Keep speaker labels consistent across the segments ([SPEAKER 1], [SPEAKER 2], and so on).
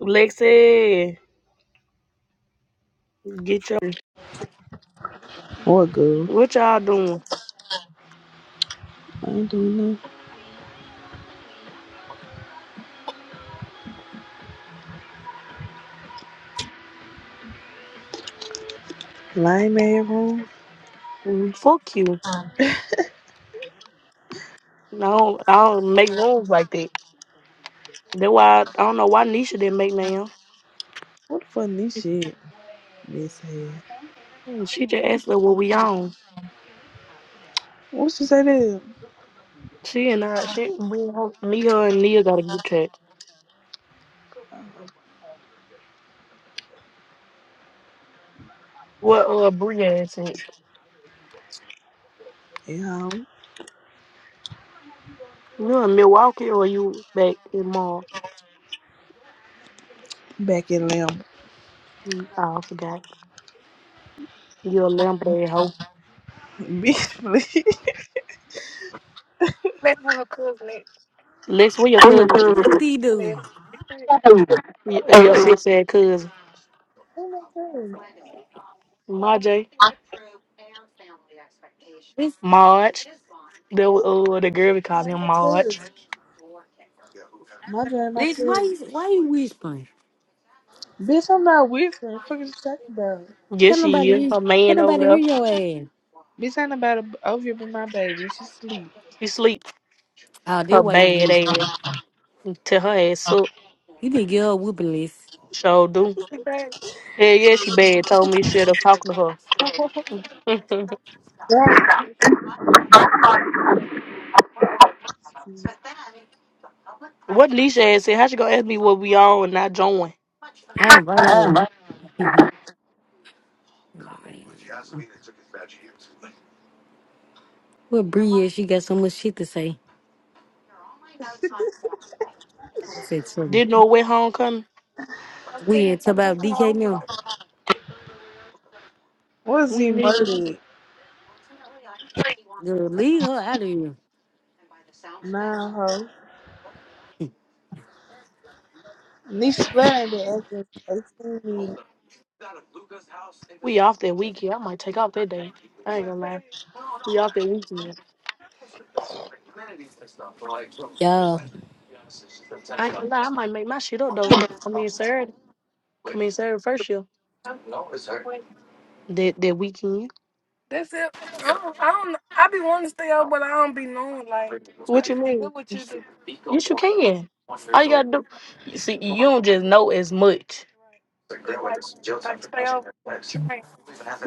[SPEAKER 1] Lexi, get your what y'all doing? Mm, Fuck you. No, I don't make rooms like that. That why I, don't know why Nisha didn't make now. She just asked her what we on. She and I, she, we, me, her, and Nia got a good chat. What, uh, Bria is it? You in Milwaukee or you back in March? Mm, I forgot. You a lamb hoe. That's what her cousin is. Lex, where your
[SPEAKER 2] what you
[SPEAKER 1] cousin
[SPEAKER 2] call
[SPEAKER 1] is?
[SPEAKER 2] it
[SPEAKER 3] Dee
[SPEAKER 1] Liv.
[SPEAKER 3] doo.
[SPEAKER 1] Y- uh, Your
[SPEAKER 2] a,
[SPEAKER 1] six ass cousin. Marjay.
[SPEAKER 3] Bitch,
[SPEAKER 1] Marge. The uh, the girl we call him Marge.
[SPEAKER 3] bitch, why you why you whispering?
[SPEAKER 1] Yes,
[SPEAKER 3] Can
[SPEAKER 1] she
[SPEAKER 3] nobody
[SPEAKER 1] is.
[SPEAKER 3] hear
[SPEAKER 1] Her
[SPEAKER 3] can
[SPEAKER 1] man over
[SPEAKER 3] nobody
[SPEAKER 1] there.
[SPEAKER 3] hear your ass?
[SPEAKER 1] She sleep.
[SPEAKER 3] Oh, that's
[SPEAKER 1] Her
[SPEAKER 3] why you
[SPEAKER 1] bad ass.
[SPEAKER 3] whispering.
[SPEAKER 1] Tell her ass up.
[SPEAKER 3] You didn't get her a whooping list.
[SPEAKER 1] Sure do. She bad. Hell yeah, she bad. Told me shit up talking to her. what Nisha had said, how she gonna ask me what we on and not join?
[SPEAKER 3] I
[SPEAKER 2] a
[SPEAKER 3] invited her.
[SPEAKER 2] ham,
[SPEAKER 3] well Bree is, she got so much shit to say. I said something.
[SPEAKER 1] Didn't know where homecoming. I'm
[SPEAKER 3] We
[SPEAKER 1] thinking
[SPEAKER 3] ain't talk
[SPEAKER 1] about
[SPEAKER 3] about
[SPEAKER 1] taking my
[SPEAKER 3] DK now.
[SPEAKER 1] We ain't need it.
[SPEAKER 3] Girl, leave her out of here.
[SPEAKER 1] We off that weekend. I might take off that day. I ain't gonna lie. We off that weekend.
[SPEAKER 3] Y'all,
[SPEAKER 1] I ain't gonna lie. I might make my shit up though. I in Saturday. Come in Saturday first year. That that weekend. What you mean? Yes, you can. All you gotta do, you see, you don't just know as much.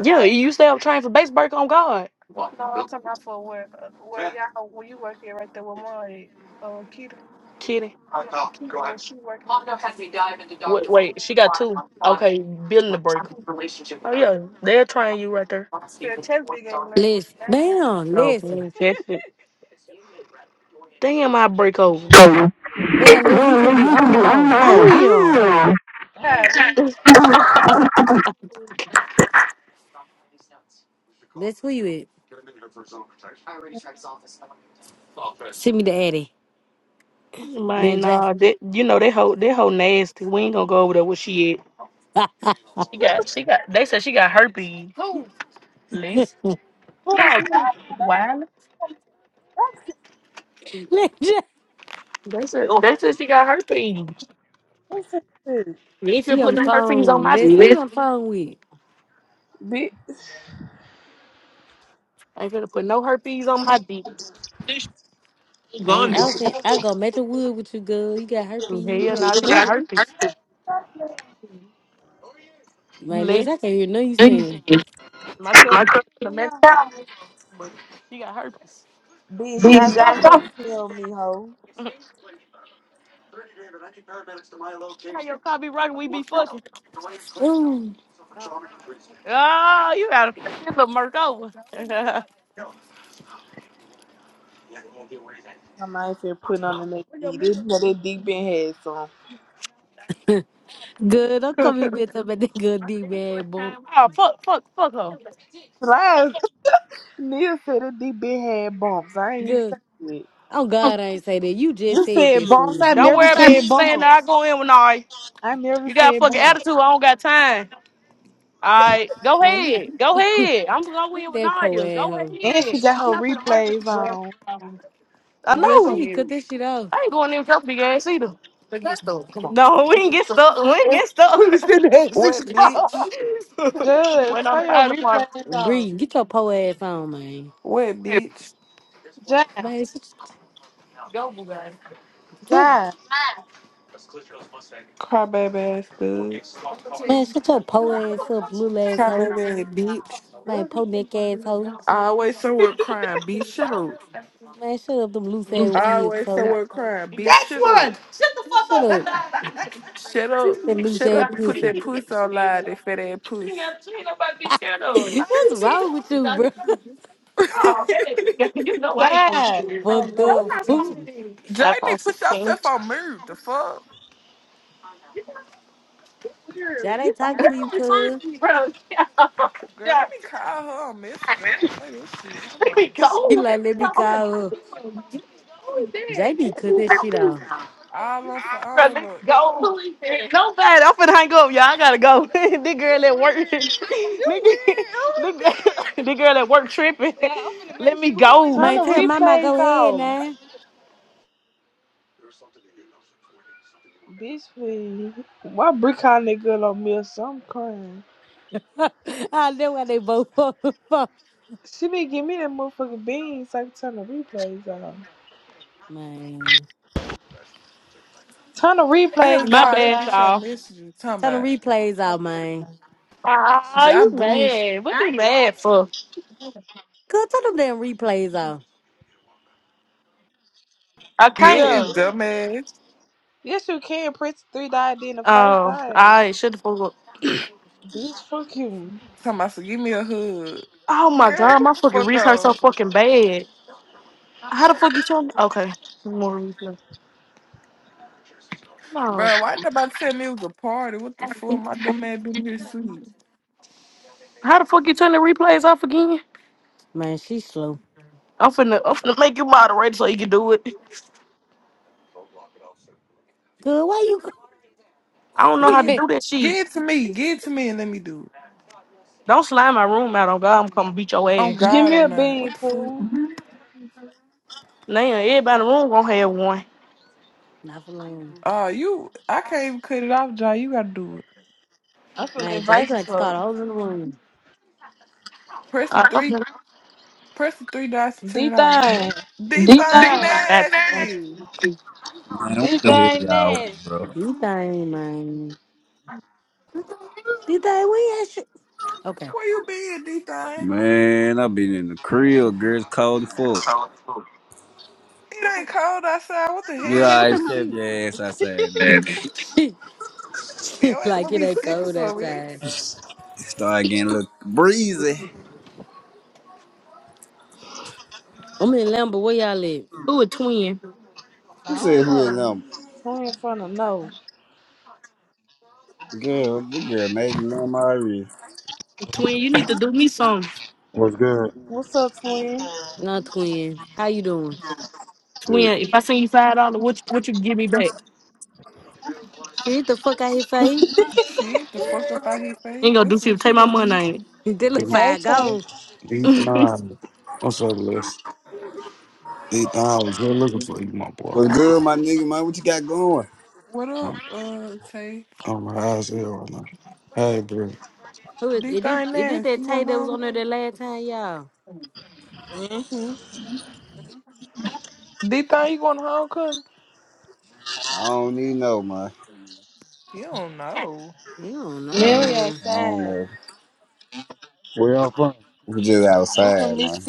[SPEAKER 1] Yeah, you stay up training for base break on guard, Kitty. Wait, wait, she got two. Okay, building the break. Oh yeah, they'll train you right there.
[SPEAKER 3] listen, damn,
[SPEAKER 1] So
[SPEAKER 3] listen.
[SPEAKER 1] can test it. Damn, I break over.
[SPEAKER 2] so
[SPEAKER 3] Damn, Liz, you
[SPEAKER 2] well,
[SPEAKER 3] can be
[SPEAKER 2] you can
[SPEAKER 3] on
[SPEAKER 2] be
[SPEAKER 3] or off.
[SPEAKER 2] unmarried.
[SPEAKER 1] Damn. Uh,
[SPEAKER 3] That's who you is. Send me the Addy. Lil
[SPEAKER 1] Man,
[SPEAKER 3] J.
[SPEAKER 1] nah, that you know that whole that whole nasty. We ain't gonna go over there where she at. She got she got. They said she got herpes. Who? Liz. Let's move.
[SPEAKER 3] Lil J.
[SPEAKER 1] They said, oh, they said she got herpes. You ain't finna
[SPEAKER 3] She on
[SPEAKER 1] put
[SPEAKER 3] the
[SPEAKER 1] no herpes on
[SPEAKER 3] phone.
[SPEAKER 1] my
[SPEAKER 3] Liz, who
[SPEAKER 1] dick.
[SPEAKER 3] you on the phone with?
[SPEAKER 1] I ain't finna put no herpes on my dick. This shit
[SPEAKER 3] I ain't
[SPEAKER 1] gone.
[SPEAKER 3] out there. I go make the wood with you, girl. You got herpes. You
[SPEAKER 1] Hell
[SPEAKER 3] can't
[SPEAKER 1] nah, she
[SPEAKER 3] do.
[SPEAKER 1] got herpes.
[SPEAKER 2] Hey,
[SPEAKER 3] Man, Liz,
[SPEAKER 1] Lit.
[SPEAKER 3] I can't hear nothing you saying.
[SPEAKER 1] My cousin,
[SPEAKER 2] my cousin
[SPEAKER 1] the man, but she got herpes. How your car be running, we be fucking.
[SPEAKER 3] Ooh.
[SPEAKER 1] Oh, you gotta fuck this little murk over.
[SPEAKER 3] Good. I'm coming back up at that good dick bad bump.
[SPEAKER 1] oh, fuck, fuck, fuck her.
[SPEAKER 3] Good. Oh, God, I ain't say that. You just said that, fool.
[SPEAKER 1] Don't worry about you saying that I go in with I. You got a fucking attitude. I don't got time. All right, go
[SPEAKER 3] Man, look
[SPEAKER 1] ahead. Go
[SPEAKER 3] at,
[SPEAKER 1] ahead. I'm going to go
[SPEAKER 3] look
[SPEAKER 1] in
[SPEAKER 3] at
[SPEAKER 1] with
[SPEAKER 3] that poor
[SPEAKER 1] Nadia.
[SPEAKER 3] ass
[SPEAKER 1] Go
[SPEAKER 3] hoe.
[SPEAKER 1] ahead. I'm not gonna hurt. I
[SPEAKER 3] Girl,
[SPEAKER 1] know.
[SPEAKER 3] she can cut that shit off.
[SPEAKER 1] I ain't going in with big ass either. Come on. No, we didn't get stuck. We didn't get stuck. We was in there at six
[SPEAKER 4] What
[SPEAKER 1] o'clock.
[SPEAKER 4] bitch?
[SPEAKER 1] Went on the fire department.
[SPEAKER 3] Bree, get your po ass on, man.
[SPEAKER 4] What bitch?
[SPEAKER 3] Man, shut
[SPEAKER 1] Go.
[SPEAKER 3] your,
[SPEAKER 4] Crybaby ass
[SPEAKER 3] fuck.
[SPEAKER 4] dude.
[SPEAKER 3] Man, shut your po ass up, little asshole.
[SPEAKER 4] Crybaby ass bitch.
[SPEAKER 3] Man, po neck asshole.
[SPEAKER 4] I always somewhere crying. Bitch, shut up.
[SPEAKER 3] Man, shut up them loose
[SPEAKER 1] You
[SPEAKER 3] ass
[SPEAKER 4] I
[SPEAKER 3] wigs,
[SPEAKER 4] always
[SPEAKER 3] so.
[SPEAKER 4] somewhere crying. Bitch, shut up.
[SPEAKER 3] Shut up.
[SPEAKER 4] Shut up.
[SPEAKER 3] That loose
[SPEAKER 4] Shut
[SPEAKER 3] ass
[SPEAKER 4] up and put
[SPEAKER 3] pussy.
[SPEAKER 4] that puss on live, that fat ass puss.
[SPEAKER 1] Ain't nobody be scared of.
[SPEAKER 3] What's wrong with you, bro?
[SPEAKER 1] I ain't going
[SPEAKER 3] Fucked up, fool.
[SPEAKER 1] to
[SPEAKER 4] Janie,
[SPEAKER 1] iPhone
[SPEAKER 4] put
[SPEAKER 1] 16.
[SPEAKER 4] yourself on mute. The fuck?
[SPEAKER 3] Jay ain't talk to you, cuz.
[SPEAKER 4] Girl, let me call her on Messenger. I don't play this shit. Hold on.
[SPEAKER 3] She like, let me call her. Jay be cut that shit off.
[SPEAKER 4] All on for
[SPEAKER 1] Bro, they
[SPEAKER 4] all of it.
[SPEAKER 1] gonna believe it. No bad. I'm finna hang up, y'all. I gotta go. this girl at work. nigga. girl, this girl at work tripping. Let me
[SPEAKER 3] Man,
[SPEAKER 1] go.
[SPEAKER 3] tell mama go ahead now. I know why they both fuck. Man.
[SPEAKER 4] I had to
[SPEAKER 1] My
[SPEAKER 4] call that
[SPEAKER 1] bad,
[SPEAKER 4] bitch on
[SPEAKER 1] y'all.
[SPEAKER 4] Messenger. Talking
[SPEAKER 3] Tell them
[SPEAKER 4] about,
[SPEAKER 3] replays out, man.
[SPEAKER 1] Ah,
[SPEAKER 4] Jai
[SPEAKER 1] you
[SPEAKER 4] Bush.
[SPEAKER 1] mad? What you mad for?
[SPEAKER 3] Good, tell them damn replays out.
[SPEAKER 1] I can't.
[SPEAKER 4] Yeah, dumbass.
[SPEAKER 1] Oh, I should have forgot.
[SPEAKER 4] Talking about, so give me a hug.
[SPEAKER 1] Oh my
[SPEAKER 4] Girl, get
[SPEAKER 1] god, my
[SPEAKER 4] the
[SPEAKER 1] fucking
[SPEAKER 4] fuck
[SPEAKER 1] wrist hurts so
[SPEAKER 4] out.
[SPEAKER 1] fucking bad. How the fuck you turn? Okay, more replay. No,
[SPEAKER 4] Bro, why didn't nobody tell me it was a party? What the fuck? My dumb ass been here asleep.
[SPEAKER 1] how the fuck you turn the replays off again?
[SPEAKER 3] Man, she slow.
[SPEAKER 1] I'm finna, I'm finna make you moderator so you can do it.
[SPEAKER 3] Good, why you
[SPEAKER 1] I don't know how
[SPEAKER 4] Get
[SPEAKER 1] to
[SPEAKER 3] go-
[SPEAKER 1] do that shit.
[SPEAKER 4] get it to me. Get it to me and let me do it.
[SPEAKER 1] Don't slime my room out on God. I'm coming beat your
[SPEAKER 4] Oh,
[SPEAKER 1] ass.
[SPEAKER 4] God, I'm not. What the fuck?
[SPEAKER 1] Now everybody in the room gonna have one.
[SPEAKER 3] Not for long.
[SPEAKER 4] Uh, you, I can't even cut it off, Jai. You gotta do it.
[SPEAKER 3] Man, Jay, you gonna have to start holding the room.
[SPEAKER 4] Press the
[SPEAKER 1] Uh,
[SPEAKER 4] three,
[SPEAKER 1] okay.
[SPEAKER 4] press the three dots to turn it off. D
[SPEAKER 1] Deep
[SPEAKER 4] thing
[SPEAKER 1] down. God damn.
[SPEAKER 4] nasty.
[SPEAKER 5] Man, what the hell y'all want, bro?
[SPEAKER 3] D thing, man. D thing, we at shit. Okay.
[SPEAKER 4] Where you been, D thing?
[SPEAKER 5] Man, i been in the crib, girl. It's cold as fuck.
[SPEAKER 4] It ain't cold outside. What the
[SPEAKER 5] Yeah,
[SPEAKER 4] hell? You must
[SPEAKER 5] I
[SPEAKER 4] be
[SPEAKER 5] just kept
[SPEAKER 4] sick.
[SPEAKER 5] your ass outside then.
[SPEAKER 1] And
[SPEAKER 3] She, she
[SPEAKER 4] Yeah, it
[SPEAKER 3] like
[SPEAKER 4] must
[SPEAKER 3] it
[SPEAKER 4] be
[SPEAKER 3] ain't
[SPEAKER 4] sick,
[SPEAKER 3] cold
[SPEAKER 4] so
[SPEAKER 3] outside.
[SPEAKER 4] it's.
[SPEAKER 5] Started getting a little breezy.
[SPEAKER 3] I'm in Lambo, where y'all live?
[SPEAKER 1] Who a twin?
[SPEAKER 5] Who said who is them? Girl, this girl made me know my already.
[SPEAKER 1] Twin, you need to do me some.
[SPEAKER 6] What's good?
[SPEAKER 3] Not twin. How you doing?
[SPEAKER 6] Dude,
[SPEAKER 1] Twin, if I send you five dollars, what what you give me back?
[SPEAKER 3] Shit, the fuck out here, Faye.
[SPEAKER 4] Shit, the fuck up out here, fade.
[SPEAKER 1] ain't gonna do
[SPEAKER 4] That's
[SPEAKER 1] shit.
[SPEAKER 4] what you
[SPEAKER 1] Take my
[SPEAKER 4] gonna
[SPEAKER 1] money.
[SPEAKER 4] get.
[SPEAKER 1] I
[SPEAKER 3] Did look
[SPEAKER 7] Deep,
[SPEAKER 3] fire gone.
[SPEAKER 7] deep
[SPEAKER 1] ain't. it?
[SPEAKER 7] down. What's up, Les? Deep down, I was just looking for you, my boy.
[SPEAKER 5] What's good, my nigga, man? What you got going?
[SPEAKER 4] What up,
[SPEAKER 7] I'm,
[SPEAKER 4] uh, Tay?
[SPEAKER 7] I'm high as hell right now. Hey, bro.
[SPEAKER 3] Who is,
[SPEAKER 4] D
[SPEAKER 3] it did
[SPEAKER 4] thing
[SPEAKER 3] it did
[SPEAKER 4] nasty.
[SPEAKER 3] that
[SPEAKER 4] You going
[SPEAKER 3] tape that was on there
[SPEAKER 4] home?
[SPEAKER 3] that last time, y'all.
[SPEAKER 4] D thing, you going home, cuz?
[SPEAKER 5] I don't need no, man.
[SPEAKER 4] You don't know.
[SPEAKER 3] You don't know.
[SPEAKER 5] I don't know.
[SPEAKER 6] where y'all from?
[SPEAKER 5] We just outside, man.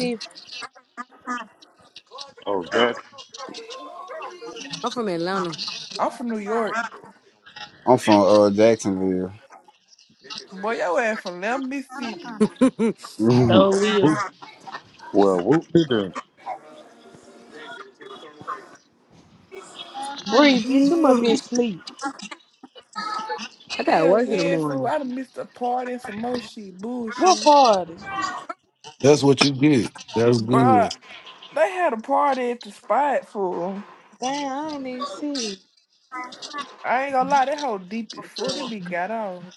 [SPEAKER 6] Oh, Jackson.
[SPEAKER 3] I'm from Atlanta.
[SPEAKER 4] I'm from New York.
[SPEAKER 5] I'm from uh, Jacksonville.
[SPEAKER 4] Boy, your ass from Lamb, Mississippi.
[SPEAKER 1] so will.
[SPEAKER 6] Whoop. Well, whoop did do.
[SPEAKER 3] I gotta
[SPEAKER 4] Hell
[SPEAKER 3] work in the
[SPEAKER 4] yeah, fool.
[SPEAKER 3] morning.
[SPEAKER 4] I done missed a party and some more shit. Bullshit.
[SPEAKER 7] That's what you get. That's good.
[SPEAKER 4] Bruh, they had a party at the spot, fool. I ain't gonna lie, that whole deep before they be got off.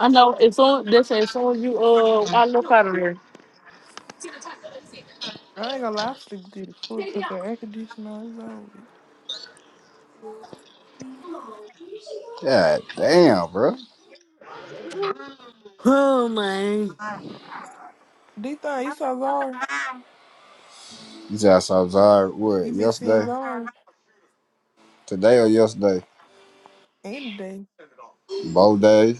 [SPEAKER 1] I know as soon they say as soon as you uh I look out of there.
[SPEAKER 4] I ain't gonna lie, I sleep deep before because their air conditioner is over.
[SPEAKER 5] God damn, bro.
[SPEAKER 3] Oh man.
[SPEAKER 4] D thing, you so sorry.
[SPEAKER 5] You just saw Zara,
[SPEAKER 4] You
[SPEAKER 5] what,
[SPEAKER 4] been seeing
[SPEAKER 5] yesterday?
[SPEAKER 4] Zara
[SPEAKER 5] Today or yesterday?
[SPEAKER 4] any day.
[SPEAKER 5] Both days.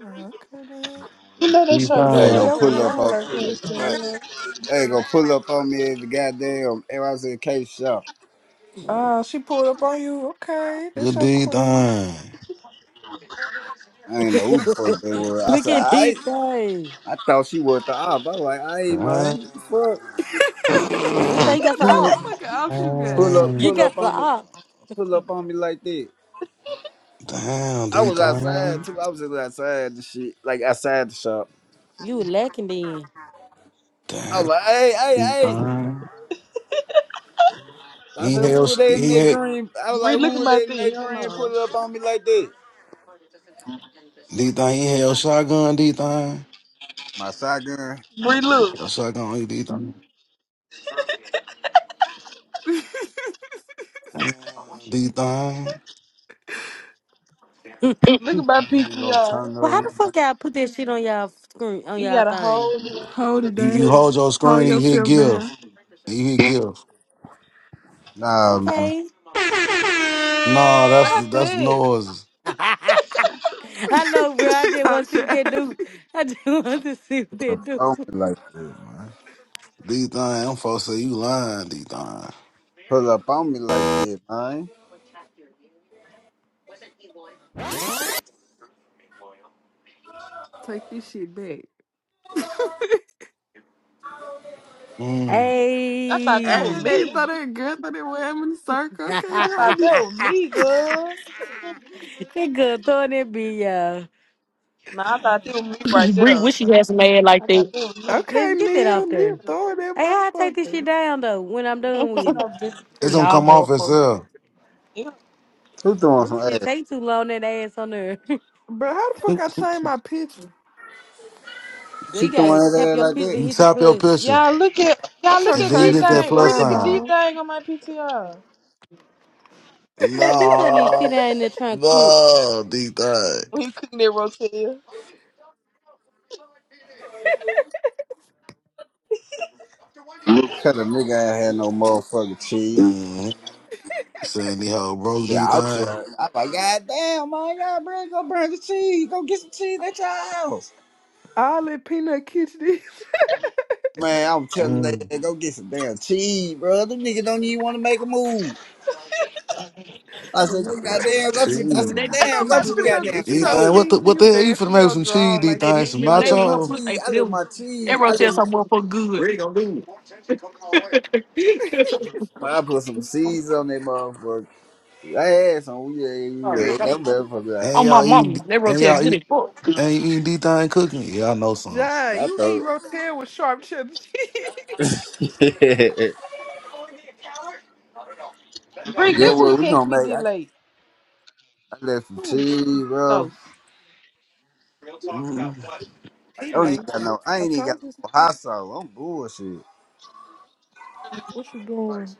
[SPEAKER 4] Uh, Okay, then. You
[SPEAKER 7] Deep
[SPEAKER 4] want to
[SPEAKER 5] Hey, ain't
[SPEAKER 4] see
[SPEAKER 5] gonna
[SPEAKER 7] down.
[SPEAKER 4] your
[SPEAKER 5] pull up
[SPEAKER 4] queen?
[SPEAKER 5] on. Hey, I gonna pull up on me at the goddamn NYCK shop.
[SPEAKER 4] Uh, she pulled up on you. Okay, that's
[SPEAKER 7] Good
[SPEAKER 4] your
[SPEAKER 7] deep
[SPEAKER 4] queen.
[SPEAKER 7] down.
[SPEAKER 5] I ain't know who the fuck they were. I
[SPEAKER 3] Look
[SPEAKER 5] said,
[SPEAKER 3] at
[SPEAKER 5] I
[SPEAKER 3] these things.
[SPEAKER 5] I thought she was the op. I was like, I ain't
[SPEAKER 7] Down.
[SPEAKER 5] man. What
[SPEAKER 3] This thing got
[SPEAKER 4] Damn,
[SPEAKER 5] the
[SPEAKER 3] some
[SPEAKER 5] fuck?
[SPEAKER 4] what
[SPEAKER 5] Pull,
[SPEAKER 3] up.
[SPEAKER 4] fucking ops you
[SPEAKER 5] pull up,
[SPEAKER 7] Down.
[SPEAKER 3] You
[SPEAKER 5] pull
[SPEAKER 3] got
[SPEAKER 5] up
[SPEAKER 3] some
[SPEAKER 5] on me,
[SPEAKER 3] up.
[SPEAKER 5] pull up on me like that.
[SPEAKER 7] Down,
[SPEAKER 5] I
[SPEAKER 7] deep
[SPEAKER 5] was outside
[SPEAKER 7] down.
[SPEAKER 5] too. I was just outside the shit, like outside the shop.
[SPEAKER 3] You were lacking then.
[SPEAKER 5] I was
[SPEAKER 7] Down,
[SPEAKER 5] like, hey, hey,
[SPEAKER 7] deep
[SPEAKER 5] hey.
[SPEAKER 7] down.
[SPEAKER 5] I
[SPEAKER 7] He
[SPEAKER 5] said, who were
[SPEAKER 7] held,
[SPEAKER 5] they in
[SPEAKER 7] he
[SPEAKER 5] that
[SPEAKER 7] had,
[SPEAKER 5] green? I was like, who were they in that green? Pull up on me like that.
[SPEAKER 7] deep down, he held shotgun, deep down.
[SPEAKER 5] My shotgun.
[SPEAKER 7] Held shotgun, he deep down.
[SPEAKER 4] got?
[SPEAKER 7] Down, deep down.
[SPEAKER 5] We gonna turn
[SPEAKER 3] Well how the fuck
[SPEAKER 5] up.
[SPEAKER 3] y'all put that shit on y'all screen on y'all thing?
[SPEAKER 4] Hold it
[SPEAKER 7] You, you
[SPEAKER 4] down.
[SPEAKER 7] hold your screen,
[SPEAKER 4] Hold
[SPEAKER 7] he hit
[SPEAKER 4] yourself
[SPEAKER 7] give.
[SPEAKER 4] down.
[SPEAKER 7] He hit give.
[SPEAKER 5] Nah, man.
[SPEAKER 3] Okay.
[SPEAKER 7] No, that's the that's the noise.
[SPEAKER 3] I know, bro. I
[SPEAKER 4] She's
[SPEAKER 3] just
[SPEAKER 4] on
[SPEAKER 3] want to see what they
[SPEAKER 4] Travis.
[SPEAKER 3] do. I just want to see what they
[SPEAKER 5] Put up
[SPEAKER 3] do.
[SPEAKER 5] on me like that, man.
[SPEAKER 7] These things, them folks say you lying, these things.
[SPEAKER 5] Pull up on me like that, man.
[SPEAKER 4] Take this shit back.
[SPEAKER 7] Mm.
[SPEAKER 3] Hey,
[SPEAKER 4] hey, thought that girl thought they were in the circle. Okay, now I
[SPEAKER 3] that
[SPEAKER 4] be.
[SPEAKER 3] good throwing that be y'all.
[SPEAKER 1] Bree wish she had some man like that.
[SPEAKER 4] Okay,
[SPEAKER 3] Let's get that
[SPEAKER 4] Neil.
[SPEAKER 3] off
[SPEAKER 4] Neil
[SPEAKER 3] there.
[SPEAKER 4] throwing that
[SPEAKER 3] Hey, how I take this shit
[SPEAKER 4] motherfucker.
[SPEAKER 3] down though when I'm done with it?
[SPEAKER 7] It's gonna
[SPEAKER 1] Nah
[SPEAKER 7] come off
[SPEAKER 1] motherfucker.
[SPEAKER 7] itself.
[SPEAKER 5] Who throwing some
[SPEAKER 3] This shit
[SPEAKER 5] ass?
[SPEAKER 3] take too long, that ass on there.
[SPEAKER 4] Bro, how the fuck I change my picture?
[SPEAKER 3] Girl,
[SPEAKER 5] She
[SPEAKER 3] you gotta
[SPEAKER 5] throwing that
[SPEAKER 3] tap
[SPEAKER 5] ass
[SPEAKER 3] your
[SPEAKER 5] like
[SPEAKER 3] picture
[SPEAKER 5] that?
[SPEAKER 3] and
[SPEAKER 7] You
[SPEAKER 3] hit the
[SPEAKER 7] tap your
[SPEAKER 3] plus.
[SPEAKER 7] picture
[SPEAKER 4] I'm trying
[SPEAKER 7] and
[SPEAKER 4] to
[SPEAKER 7] then you
[SPEAKER 4] change
[SPEAKER 7] hit
[SPEAKER 4] to
[SPEAKER 7] that plus
[SPEAKER 4] slime
[SPEAKER 7] sign.
[SPEAKER 4] ball.
[SPEAKER 3] Girl, this doesn't even sit
[SPEAKER 7] No,
[SPEAKER 3] down in there trying to cook.
[SPEAKER 7] no, D thing.
[SPEAKER 5] Cause a nigga ain't had no motherfucking cheese.
[SPEAKER 7] mm Saying the hoe broke D
[SPEAKER 5] Yeah, I'll
[SPEAKER 7] thing.
[SPEAKER 5] try. I'm like, God damn, man, y'all bring, go bring the cheese. Go get some cheese at your house.
[SPEAKER 4] All that peanut kitchen is.
[SPEAKER 5] Man, I'm telling
[SPEAKER 7] Mm.
[SPEAKER 5] they go get some damn cheese, bro. Them niggas don't even want to make a move. I
[SPEAKER 7] My
[SPEAKER 5] said, God
[SPEAKER 7] goodness.
[SPEAKER 5] damn, go
[SPEAKER 1] Miss
[SPEAKER 5] to, I said,
[SPEAKER 1] Renee
[SPEAKER 7] Cheese.
[SPEAKER 4] Ain't
[SPEAKER 1] get
[SPEAKER 5] damn,
[SPEAKER 1] you
[SPEAKER 5] go
[SPEAKER 4] nobody
[SPEAKER 5] to
[SPEAKER 1] get
[SPEAKER 5] the
[SPEAKER 4] finna go
[SPEAKER 1] pregnant
[SPEAKER 5] goddamn
[SPEAKER 1] with
[SPEAKER 4] get you
[SPEAKER 7] D
[SPEAKER 4] no
[SPEAKER 1] you.
[SPEAKER 7] thing,
[SPEAKER 5] stove.
[SPEAKER 7] what
[SPEAKER 4] cheese
[SPEAKER 7] the
[SPEAKER 4] and
[SPEAKER 7] what
[SPEAKER 4] you
[SPEAKER 7] the hell you finna
[SPEAKER 4] dancing in
[SPEAKER 7] make with
[SPEAKER 4] your
[SPEAKER 7] some cheese,
[SPEAKER 4] draw
[SPEAKER 7] D
[SPEAKER 4] like
[SPEAKER 1] Hey
[SPEAKER 7] thing,
[SPEAKER 1] Miss
[SPEAKER 4] that.
[SPEAKER 7] some
[SPEAKER 5] I
[SPEAKER 1] Renee
[SPEAKER 5] let
[SPEAKER 1] need
[SPEAKER 5] my
[SPEAKER 1] her
[SPEAKER 7] nacho?
[SPEAKER 1] pussy
[SPEAKER 5] cheese,
[SPEAKER 1] ate
[SPEAKER 5] I
[SPEAKER 1] for
[SPEAKER 5] let
[SPEAKER 1] them.
[SPEAKER 5] my
[SPEAKER 1] That
[SPEAKER 5] cheese, I
[SPEAKER 1] rotel
[SPEAKER 5] let my,
[SPEAKER 1] some motherfucker good. There you go.
[SPEAKER 5] man, I put some seeds on that motherfucker. I had some. We had we
[SPEAKER 7] Yeah.
[SPEAKER 5] read that motherfucker out.
[SPEAKER 1] oh
[SPEAKER 7] And
[SPEAKER 1] my
[SPEAKER 7] y'all
[SPEAKER 1] mama,
[SPEAKER 7] eating
[SPEAKER 1] that
[SPEAKER 7] and
[SPEAKER 1] rotel
[SPEAKER 7] y'all
[SPEAKER 1] good
[SPEAKER 7] eat
[SPEAKER 1] as fuck.
[SPEAKER 7] Ain't eating D thing cooking. Yeah, I know something.
[SPEAKER 4] John,
[SPEAKER 5] I
[SPEAKER 4] you eat
[SPEAKER 5] thought,
[SPEAKER 4] rotel with sharp cheddar cheese.
[SPEAKER 5] you know what? We gonna make. I, I left some
[SPEAKER 4] Ooh,
[SPEAKER 5] cheese, bro.
[SPEAKER 7] Mm.
[SPEAKER 4] he
[SPEAKER 5] I don't even got
[SPEAKER 4] lazy.
[SPEAKER 5] no. I
[SPEAKER 4] I
[SPEAKER 5] ain't even got
[SPEAKER 4] told
[SPEAKER 5] no
[SPEAKER 4] you
[SPEAKER 5] more hot sauce. I'm bullshit.
[SPEAKER 4] what you doing.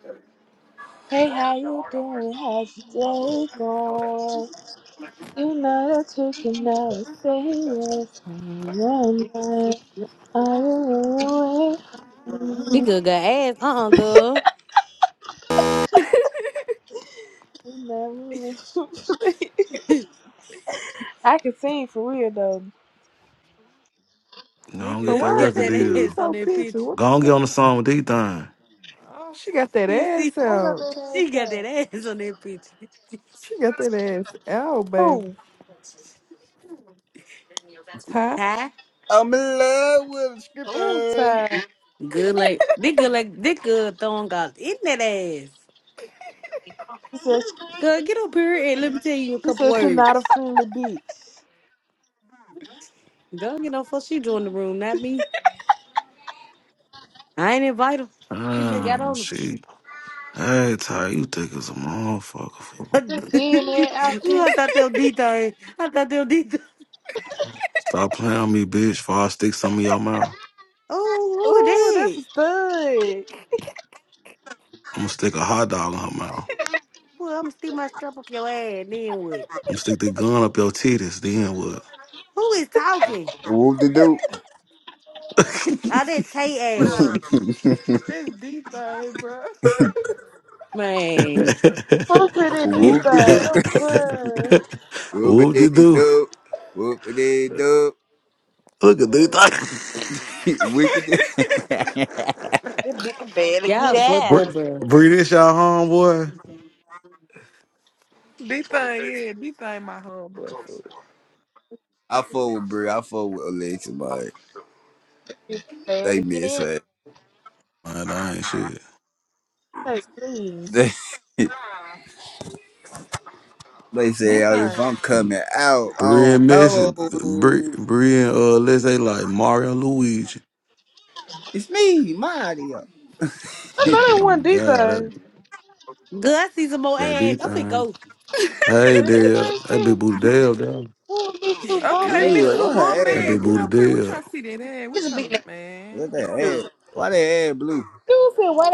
[SPEAKER 3] Nigga got ass, uh-uh, girl.
[SPEAKER 7] Go on
[SPEAKER 4] But
[SPEAKER 7] get
[SPEAKER 3] Nigga
[SPEAKER 4] why
[SPEAKER 7] that
[SPEAKER 4] I
[SPEAKER 3] got
[SPEAKER 7] record
[SPEAKER 4] can't
[SPEAKER 3] that
[SPEAKER 4] see these
[SPEAKER 7] deal.
[SPEAKER 3] ass on
[SPEAKER 4] four
[SPEAKER 3] that
[SPEAKER 4] pictures?
[SPEAKER 3] picture.
[SPEAKER 4] What
[SPEAKER 7] Go
[SPEAKER 4] the
[SPEAKER 7] on get on the
[SPEAKER 4] fuck?
[SPEAKER 7] song with D thing.
[SPEAKER 4] Oh, she got that
[SPEAKER 3] You see,
[SPEAKER 4] ass out.
[SPEAKER 3] she got that ass on that picture.
[SPEAKER 4] She got that ass out, baby. Ty?
[SPEAKER 3] Ty,
[SPEAKER 5] I'm in love with a stripper.
[SPEAKER 3] good like, this good like, this good thong got in that ass. Girl, get up here and let me tell you a couple words. Girl, get off fuck she joined the room, not me. I ain't invite her. She just got
[SPEAKER 7] Oh
[SPEAKER 3] on her.
[SPEAKER 7] shit. Hey Ty, you thick as a motherfucker fool.
[SPEAKER 3] Ooh, I thought they were D-Thang. I thought they were d
[SPEAKER 7] Stop playing on me, bitch, before I stick some in your mouth.
[SPEAKER 3] Oh, who is that?
[SPEAKER 7] I'ma stick a hot dog in her mouth.
[SPEAKER 3] Boy, I'm steal my strap off your ass. Then what?
[SPEAKER 7] I'ma stick the gun up your titties, then
[SPEAKER 3] Who is talking?
[SPEAKER 5] Whoop de doop.
[SPEAKER 3] I did Tay ass.
[SPEAKER 4] That's D thing, bro.
[SPEAKER 3] Man,
[SPEAKER 5] Whoop de doop.
[SPEAKER 7] what?
[SPEAKER 5] Whoop
[SPEAKER 7] Whoop
[SPEAKER 5] de
[SPEAKER 7] de do.
[SPEAKER 5] doop. Whoop de doop.
[SPEAKER 7] Look at D thing.
[SPEAKER 5] Wicked.
[SPEAKER 3] y'all fucked
[SPEAKER 7] Bree,
[SPEAKER 3] up, bro.
[SPEAKER 7] Bree, this y'all homeboy.
[SPEAKER 4] D thing, yeah, D thing, my homeboy food.
[SPEAKER 5] I fuck with Brie. I fuck with Alexa, man. They miss her.
[SPEAKER 7] Man, that ain't shit.
[SPEAKER 5] They
[SPEAKER 4] D
[SPEAKER 5] say, oh, if
[SPEAKER 4] thing.
[SPEAKER 5] I'm coming out, I
[SPEAKER 7] Bree
[SPEAKER 5] don't
[SPEAKER 7] and Messi, Bree,
[SPEAKER 5] know.
[SPEAKER 7] Bree and uh, let's say like Mario and Luigi.
[SPEAKER 5] it's me, Mario. Ew,
[SPEAKER 7] Oh my God, that
[SPEAKER 3] Good, I see some more
[SPEAKER 7] that
[SPEAKER 3] ass.
[SPEAKER 7] big
[SPEAKER 3] I'm finna
[SPEAKER 7] thing.
[SPEAKER 3] go.
[SPEAKER 7] Hey Dale, that big booty Dale, Dale.
[SPEAKER 4] Okay,
[SPEAKER 3] Nick.
[SPEAKER 4] Miss Two
[SPEAKER 5] why her
[SPEAKER 4] Bum
[SPEAKER 7] that
[SPEAKER 5] ass
[SPEAKER 4] Bag,
[SPEAKER 7] big
[SPEAKER 5] like
[SPEAKER 4] get
[SPEAKER 7] booty
[SPEAKER 5] that?
[SPEAKER 4] up here. We
[SPEAKER 7] Dale.
[SPEAKER 4] trying to see that ass. We trying,
[SPEAKER 5] What
[SPEAKER 4] man.
[SPEAKER 5] that ass? Why that ass blue?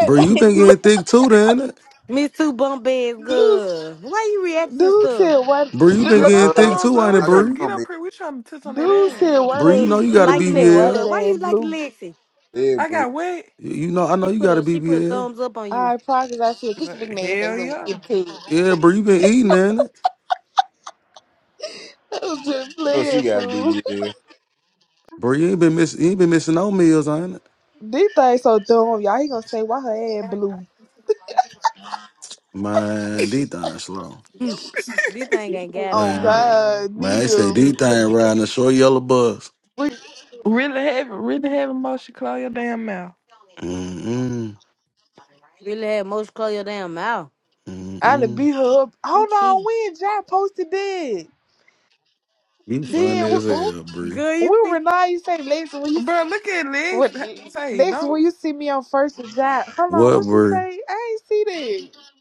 [SPEAKER 7] Bree, you been getting thick too, then.
[SPEAKER 3] Me two bump beds, good. Why you react to stuff?
[SPEAKER 7] Bree, you been
[SPEAKER 5] Yeah,
[SPEAKER 4] Girl,
[SPEAKER 7] getting
[SPEAKER 4] don't
[SPEAKER 7] thick
[SPEAKER 4] thumbs
[SPEAKER 7] too,
[SPEAKER 4] up.
[SPEAKER 7] ain't
[SPEAKER 4] We
[SPEAKER 7] it,
[SPEAKER 5] how that
[SPEAKER 4] trying
[SPEAKER 7] Bree?
[SPEAKER 4] to get
[SPEAKER 5] bump
[SPEAKER 4] up
[SPEAKER 5] is
[SPEAKER 4] here. We trying to touch on that ass.
[SPEAKER 3] Why
[SPEAKER 7] Bree, you know
[SPEAKER 3] you
[SPEAKER 7] you got a
[SPEAKER 3] liking that
[SPEAKER 7] BBL.
[SPEAKER 3] good? Why you liking Lexi?
[SPEAKER 5] Yeah,
[SPEAKER 4] I
[SPEAKER 5] blue.
[SPEAKER 4] got wet.
[SPEAKER 7] You you know, I know
[SPEAKER 3] She
[SPEAKER 7] you
[SPEAKER 3] put
[SPEAKER 7] got a
[SPEAKER 3] a she put a
[SPEAKER 7] BBL.
[SPEAKER 3] thumbs up on you.
[SPEAKER 4] Like, Hell yeah.
[SPEAKER 7] Yeah, Bree, you been eating, ain't it?
[SPEAKER 5] Oh, she got to be dead.
[SPEAKER 7] Bree, you ain't been missing, you ain't been missing no meals, ain't it? Man, these things slow.
[SPEAKER 3] This thing ain't got it
[SPEAKER 7] Man,
[SPEAKER 3] all,
[SPEAKER 7] I-
[SPEAKER 3] y'all.
[SPEAKER 7] man, they say these things riding the short yellow bus.
[SPEAKER 4] Really heavy, really heavy motion. Close your damn mouth,
[SPEAKER 7] Mm-mm.
[SPEAKER 3] Really had most close your damn mouth.
[SPEAKER 7] Mm-mm.
[SPEAKER 3] He cheat.
[SPEAKER 7] You funny as hell, Bree.
[SPEAKER 3] Girl, you see
[SPEAKER 4] bro. Look at legs. Say, don't.
[SPEAKER 7] What, Bree?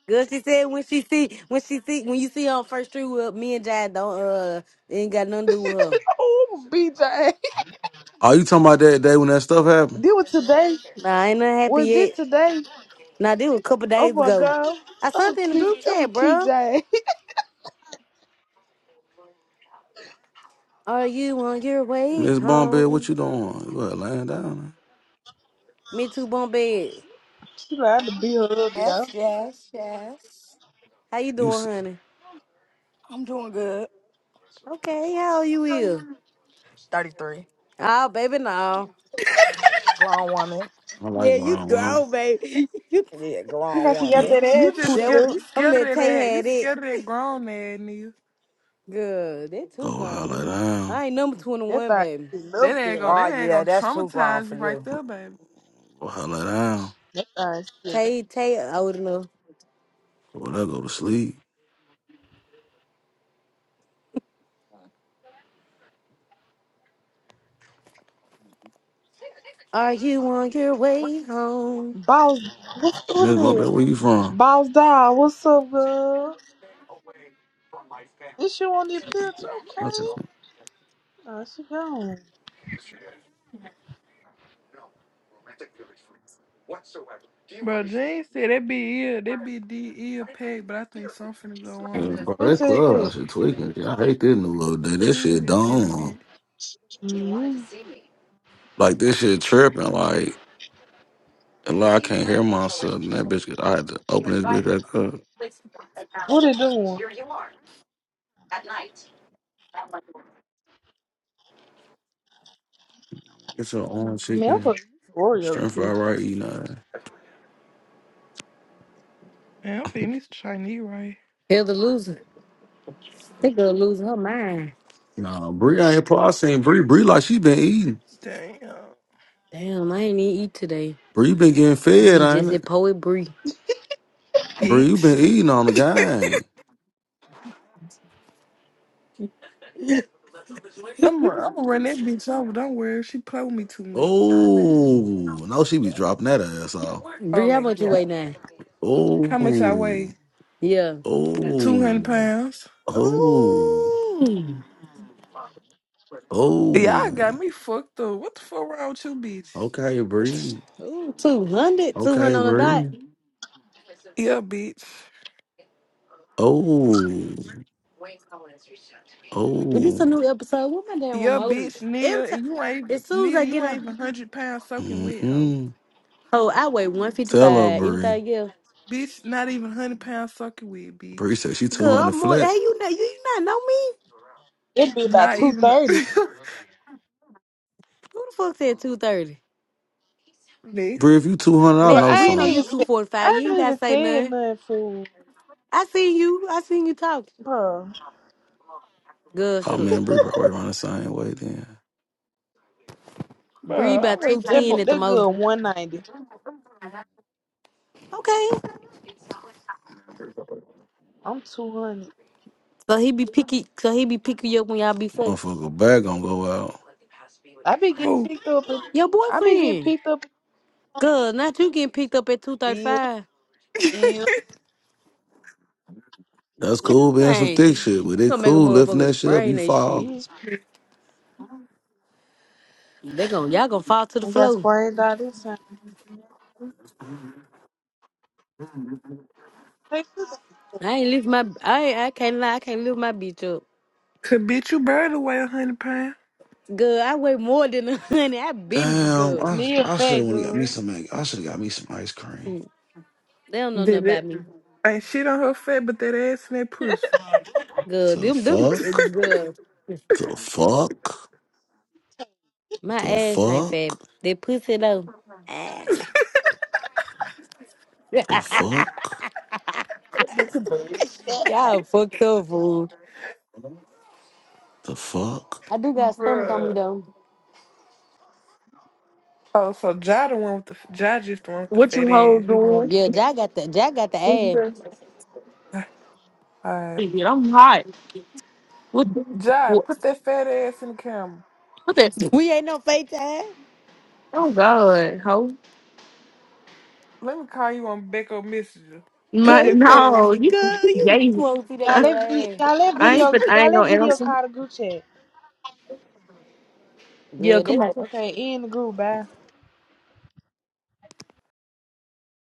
[SPEAKER 3] Good. She said when she see when she see when you see her on first street with me and Jai don't uh ain't got nothing to do with her.
[SPEAKER 7] Are you talking about that day when that stuff happened?
[SPEAKER 3] Nah, I ain't not happy yet. Nah, this was a couple days ago. I sent it in the group chat, bro. Are you on your way
[SPEAKER 7] Miss Bombay, what
[SPEAKER 3] home?
[SPEAKER 7] you doing? You got laying down. huh?
[SPEAKER 3] Me too, bum bed.
[SPEAKER 8] Yes, yes, yes.
[SPEAKER 3] How you
[SPEAKER 7] You,
[SPEAKER 3] doing,
[SPEAKER 7] s-
[SPEAKER 3] honey?
[SPEAKER 8] I'm doing good.
[SPEAKER 3] Okay, how you is?
[SPEAKER 8] 33.
[SPEAKER 3] Oh, baby, no.
[SPEAKER 8] Grown woman.
[SPEAKER 7] I like
[SPEAKER 3] Yeah, you
[SPEAKER 7] wrong women.
[SPEAKER 3] grown, baby. You-
[SPEAKER 8] Yeah, grown
[SPEAKER 7] You-
[SPEAKER 8] woman.
[SPEAKER 4] You just
[SPEAKER 3] that was-
[SPEAKER 4] scared. You
[SPEAKER 3] I'm
[SPEAKER 4] scared of
[SPEAKER 3] letting
[SPEAKER 4] that
[SPEAKER 3] Tay
[SPEAKER 4] ass. You
[SPEAKER 3] had it.
[SPEAKER 4] scared of that grown ass nigga.
[SPEAKER 3] Good. That
[SPEAKER 7] Go
[SPEAKER 3] too grown for
[SPEAKER 7] holler
[SPEAKER 3] me.
[SPEAKER 7] down.
[SPEAKER 3] I ain't number 21, baby.
[SPEAKER 4] That ass gonna.
[SPEAKER 8] Oh,
[SPEAKER 4] That ass
[SPEAKER 8] yeah,
[SPEAKER 4] gonna
[SPEAKER 8] that's too grown
[SPEAKER 4] traumatize
[SPEAKER 8] for
[SPEAKER 4] you
[SPEAKER 8] you.
[SPEAKER 4] right there,
[SPEAKER 7] Go holler down.
[SPEAKER 3] Tay, Tay old enough.
[SPEAKER 7] Go there, go to sleep.
[SPEAKER 3] Are you on your way home?
[SPEAKER 7] Miss Bombay, where you from? I said,
[SPEAKER 4] Bro, Gene said that be ill, that be D ill packed, but I think something finna go
[SPEAKER 7] "Yeah,
[SPEAKER 4] on.
[SPEAKER 7] bro, that clubhouse shit tweaking. Shit, I hate this new little day. This
[SPEAKER 4] Gene
[SPEAKER 7] shit
[SPEAKER 4] just tell me
[SPEAKER 7] dumb.
[SPEAKER 4] that.
[SPEAKER 7] Like this shit tripping. Like, a lot. I can't hear myself. And that bitch, I had to open this bitch back up. Get your own chicken. Stir fry right eating that.
[SPEAKER 4] Man, I'm finna this Chinese right.
[SPEAKER 3] Hear the loser. They gonna lose her mind.
[SPEAKER 7] Nah, Bree I ain't pro- I seen Bree. Bree like she been eating.
[SPEAKER 4] Damn.
[SPEAKER 3] Damn, I ain't even eat today.
[SPEAKER 7] Bree been getting
[SPEAKER 3] I'm
[SPEAKER 7] fed,
[SPEAKER 3] be
[SPEAKER 7] ain't
[SPEAKER 3] just at
[SPEAKER 7] it?
[SPEAKER 3] Poet Bree.
[SPEAKER 7] Bree, you been
[SPEAKER 4] Bitch.
[SPEAKER 7] eating on the gang.
[SPEAKER 4] I'm gonna I'm run that bitch over. Don't worry. She play with me too much.
[SPEAKER 7] Oh, no, she be dropping that ass off.
[SPEAKER 4] Oh
[SPEAKER 3] Bree, how
[SPEAKER 4] my
[SPEAKER 3] much you
[SPEAKER 4] god.
[SPEAKER 3] weigh now?
[SPEAKER 4] How much I
[SPEAKER 7] Oh,
[SPEAKER 4] weigh?
[SPEAKER 3] Yeah.
[SPEAKER 4] 200
[SPEAKER 7] oh,
[SPEAKER 4] pounds.
[SPEAKER 7] oh,
[SPEAKER 3] Ooh.
[SPEAKER 4] Y'all
[SPEAKER 7] oh.
[SPEAKER 4] got me fucked up. What the fuck wrong with you, bitch?
[SPEAKER 7] Okay, Bree.
[SPEAKER 3] Ooh, 200,
[SPEAKER 7] Okay,
[SPEAKER 3] 200 on the dot.
[SPEAKER 7] Bree.
[SPEAKER 4] Yeah, bitch.
[SPEAKER 7] Oh,
[SPEAKER 3] Well, this
[SPEAKER 7] oh.
[SPEAKER 3] a new episode. What my damn
[SPEAKER 4] Yeah,
[SPEAKER 3] remote?
[SPEAKER 4] bitch, Neil.
[SPEAKER 3] Every time,
[SPEAKER 4] And you ain't even,
[SPEAKER 3] as soon as
[SPEAKER 4] Neil,
[SPEAKER 3] I
[SPEAKER 4] you
[SPEAKER 3] get
[SPEAKER 4] ain't
[SPEAKER 3] on,
[SPEAKER 4] even 100 pounds soaking wet, hoe.
[SPEAKER 7] Mm-mm.
[SPEAKER 3] oh, I weigh
[SPEAKER 7] Tell her,
[SPEAKER 3] 155.
[SPEAKER 7] Bree.
[SPEAKER 3] Anything else?
[SPEAKER 4] Bitch, not even 100 pounds soaking wet,
[SPEAKER 7] Bree
[SPEAKER 4] bitch.
[SPEAKER 7] said she
[SPEAKER 3] Good,
[SPEAKER 7] 200
[SPEAKER 3] I'm more, hey,
[SPEAKER 7] flat.
[SPEAKER 3] you know, you, you not know me?
[SPEAKER 4] Not even
[SPEAKER 3] Who the fuck said 230?
[SPEAKER 4] this.
[SPEAKER 7] Bree, if you 200, I know
[SPEAKER 3] Listen, we know
[SPEAKER 7] some.
[SPEAKER 3] you 245. You ain't got to say nothing. I seen you. I seen you talk. Girl,
[SPEAKER 7] Oh,
[SPEAKER 3] shut up.
[SPEAKER 7] man, Bree probably run the same way then.
[SPEAKER 3] Bree
[SPEAKER 4] Bro, I
[SPEAKER 3] by
[SPEAKER 4] wait.
[SPEAKER 3] 210 at the most. Okay. So he be picky. So he be picking you up when y'all be fucking.
[SPEAKER 7] Motherfucker, back gonna go out.
[SPEAKER 4] Who?
[SPEAKER 3] Your boyfriend. Girl, not you getting picked up at 235.
[SPEAKER 7] That's cool being some
[SPEAKER 3] Man,
[SPEAKER 7] thick shit,
[SPEAKER 3] you
[SPEAKER 7] but it
[SPEAKER 3] gonna make a
[SPEAKER 7] cool lifting
[SPEAKER 3] motherfucker
[SPEAKER 7] that shit up,
[SPEAKER 3] sprain
[SPEAKER 7] you
[SPEAKER 3] that
[SPEAKER 7] fall.
[SPEAKER 3] shit. They gonna y'all gonna fall to the floor. I ain't lift my I ain't- I can't lie, I can't lift my bitch up.
[SPEAKER 4] Could bitch you bird away a hundred pounds.
[SPEAKER 3] Girl, I weigh more than a hundred. I been
[SPEAKER 7] Damn,
[SPEAKER 3] girl.
[SPEAKER 7] I, I should have went and got me some, egg- I should have got me some ice cream.
[SPEAKER 3] They don't know nothing
[SPEAKER 4] Did
[SPEAKER 3] about
[SPEAKER 4] it.
[SPEAKER 3] me.
[SPEAKER 4] Ain't shit on her fat, but that ass and that pussy.
[SPEAKER 3] Good.
[SPEAKER 7] The
[SPEAKER 3] Them, them,
[SPEAKER 7] fuck?
[SPEAKER 3] good.
[SPEAKER 7] The fuck?
[SPEAKER 3] My
[SPEAKER 7] The
[SPEAKER 3] ass ain't fat.
[SPEAKER 7] fuck?
[SPEAKER 3] They pussy though.
[SPEAKER 7] The fuck?
[SPEAKER 3] Y'all fucked up, fool.
[SPEAKER 7] The fuck?
[SPEAKER 3] I do got stomach on me
[SPEAKER 4] Bruh.
[SPEAKER 3] though.
[SPEAKER 4] Oh, so Ja the one with the Ja just the one with the
[SPEAKER 1] What
[SPEAKER 4] fat
[SPEAKER 1] you hoes
[SPEAKER 4] ass. You the one with
[SPEAKER 1] doing?
[SPEAKER 4] the
[SPEAKER 3] Yeah,
[SPEAKER 4] fat.
[SPEAKER 3] Jack got the Jack got the
[SPEAKER 1] What you
[SPEAKER 3] ass.
[SPEAKER 1] doing?
[SPEAKER 4] Alright.
[SPEAKER 1] Shit, I'm hot. What
[SPEAKER 4] Ja,
[SPEAKER 1] what,
[SPEAKER 4] put that fat ass in the camera.
[SPEAKER 1] what that?
[SPEAKER 3] We ain't no fake ass.
[SPEAKER 1] Oh God, ho.
[SPEAKER 4] Let me call you on Becko Messenger. Put
[SPEAKER 1] My
[SPEAKER 3] Girl, you
[SPEAKER 4] that fat
[SPEAKER 3] just
[SPEAKER 4] ass.
[SPEAKER 1] no, you
[SPEAKER 3] girl, you
[SPEAKER 1] gay.
[SPEAKER 3] won't see that
[SPEAKER 1] I
[SPEAKER 3] good ass.
[SPEAKER 1] ain't but I ain't gonna answer. Yeah,
[SPEAKER 3] Good.
[SPEAKER 1] come on.
[SPEAKER 3] That's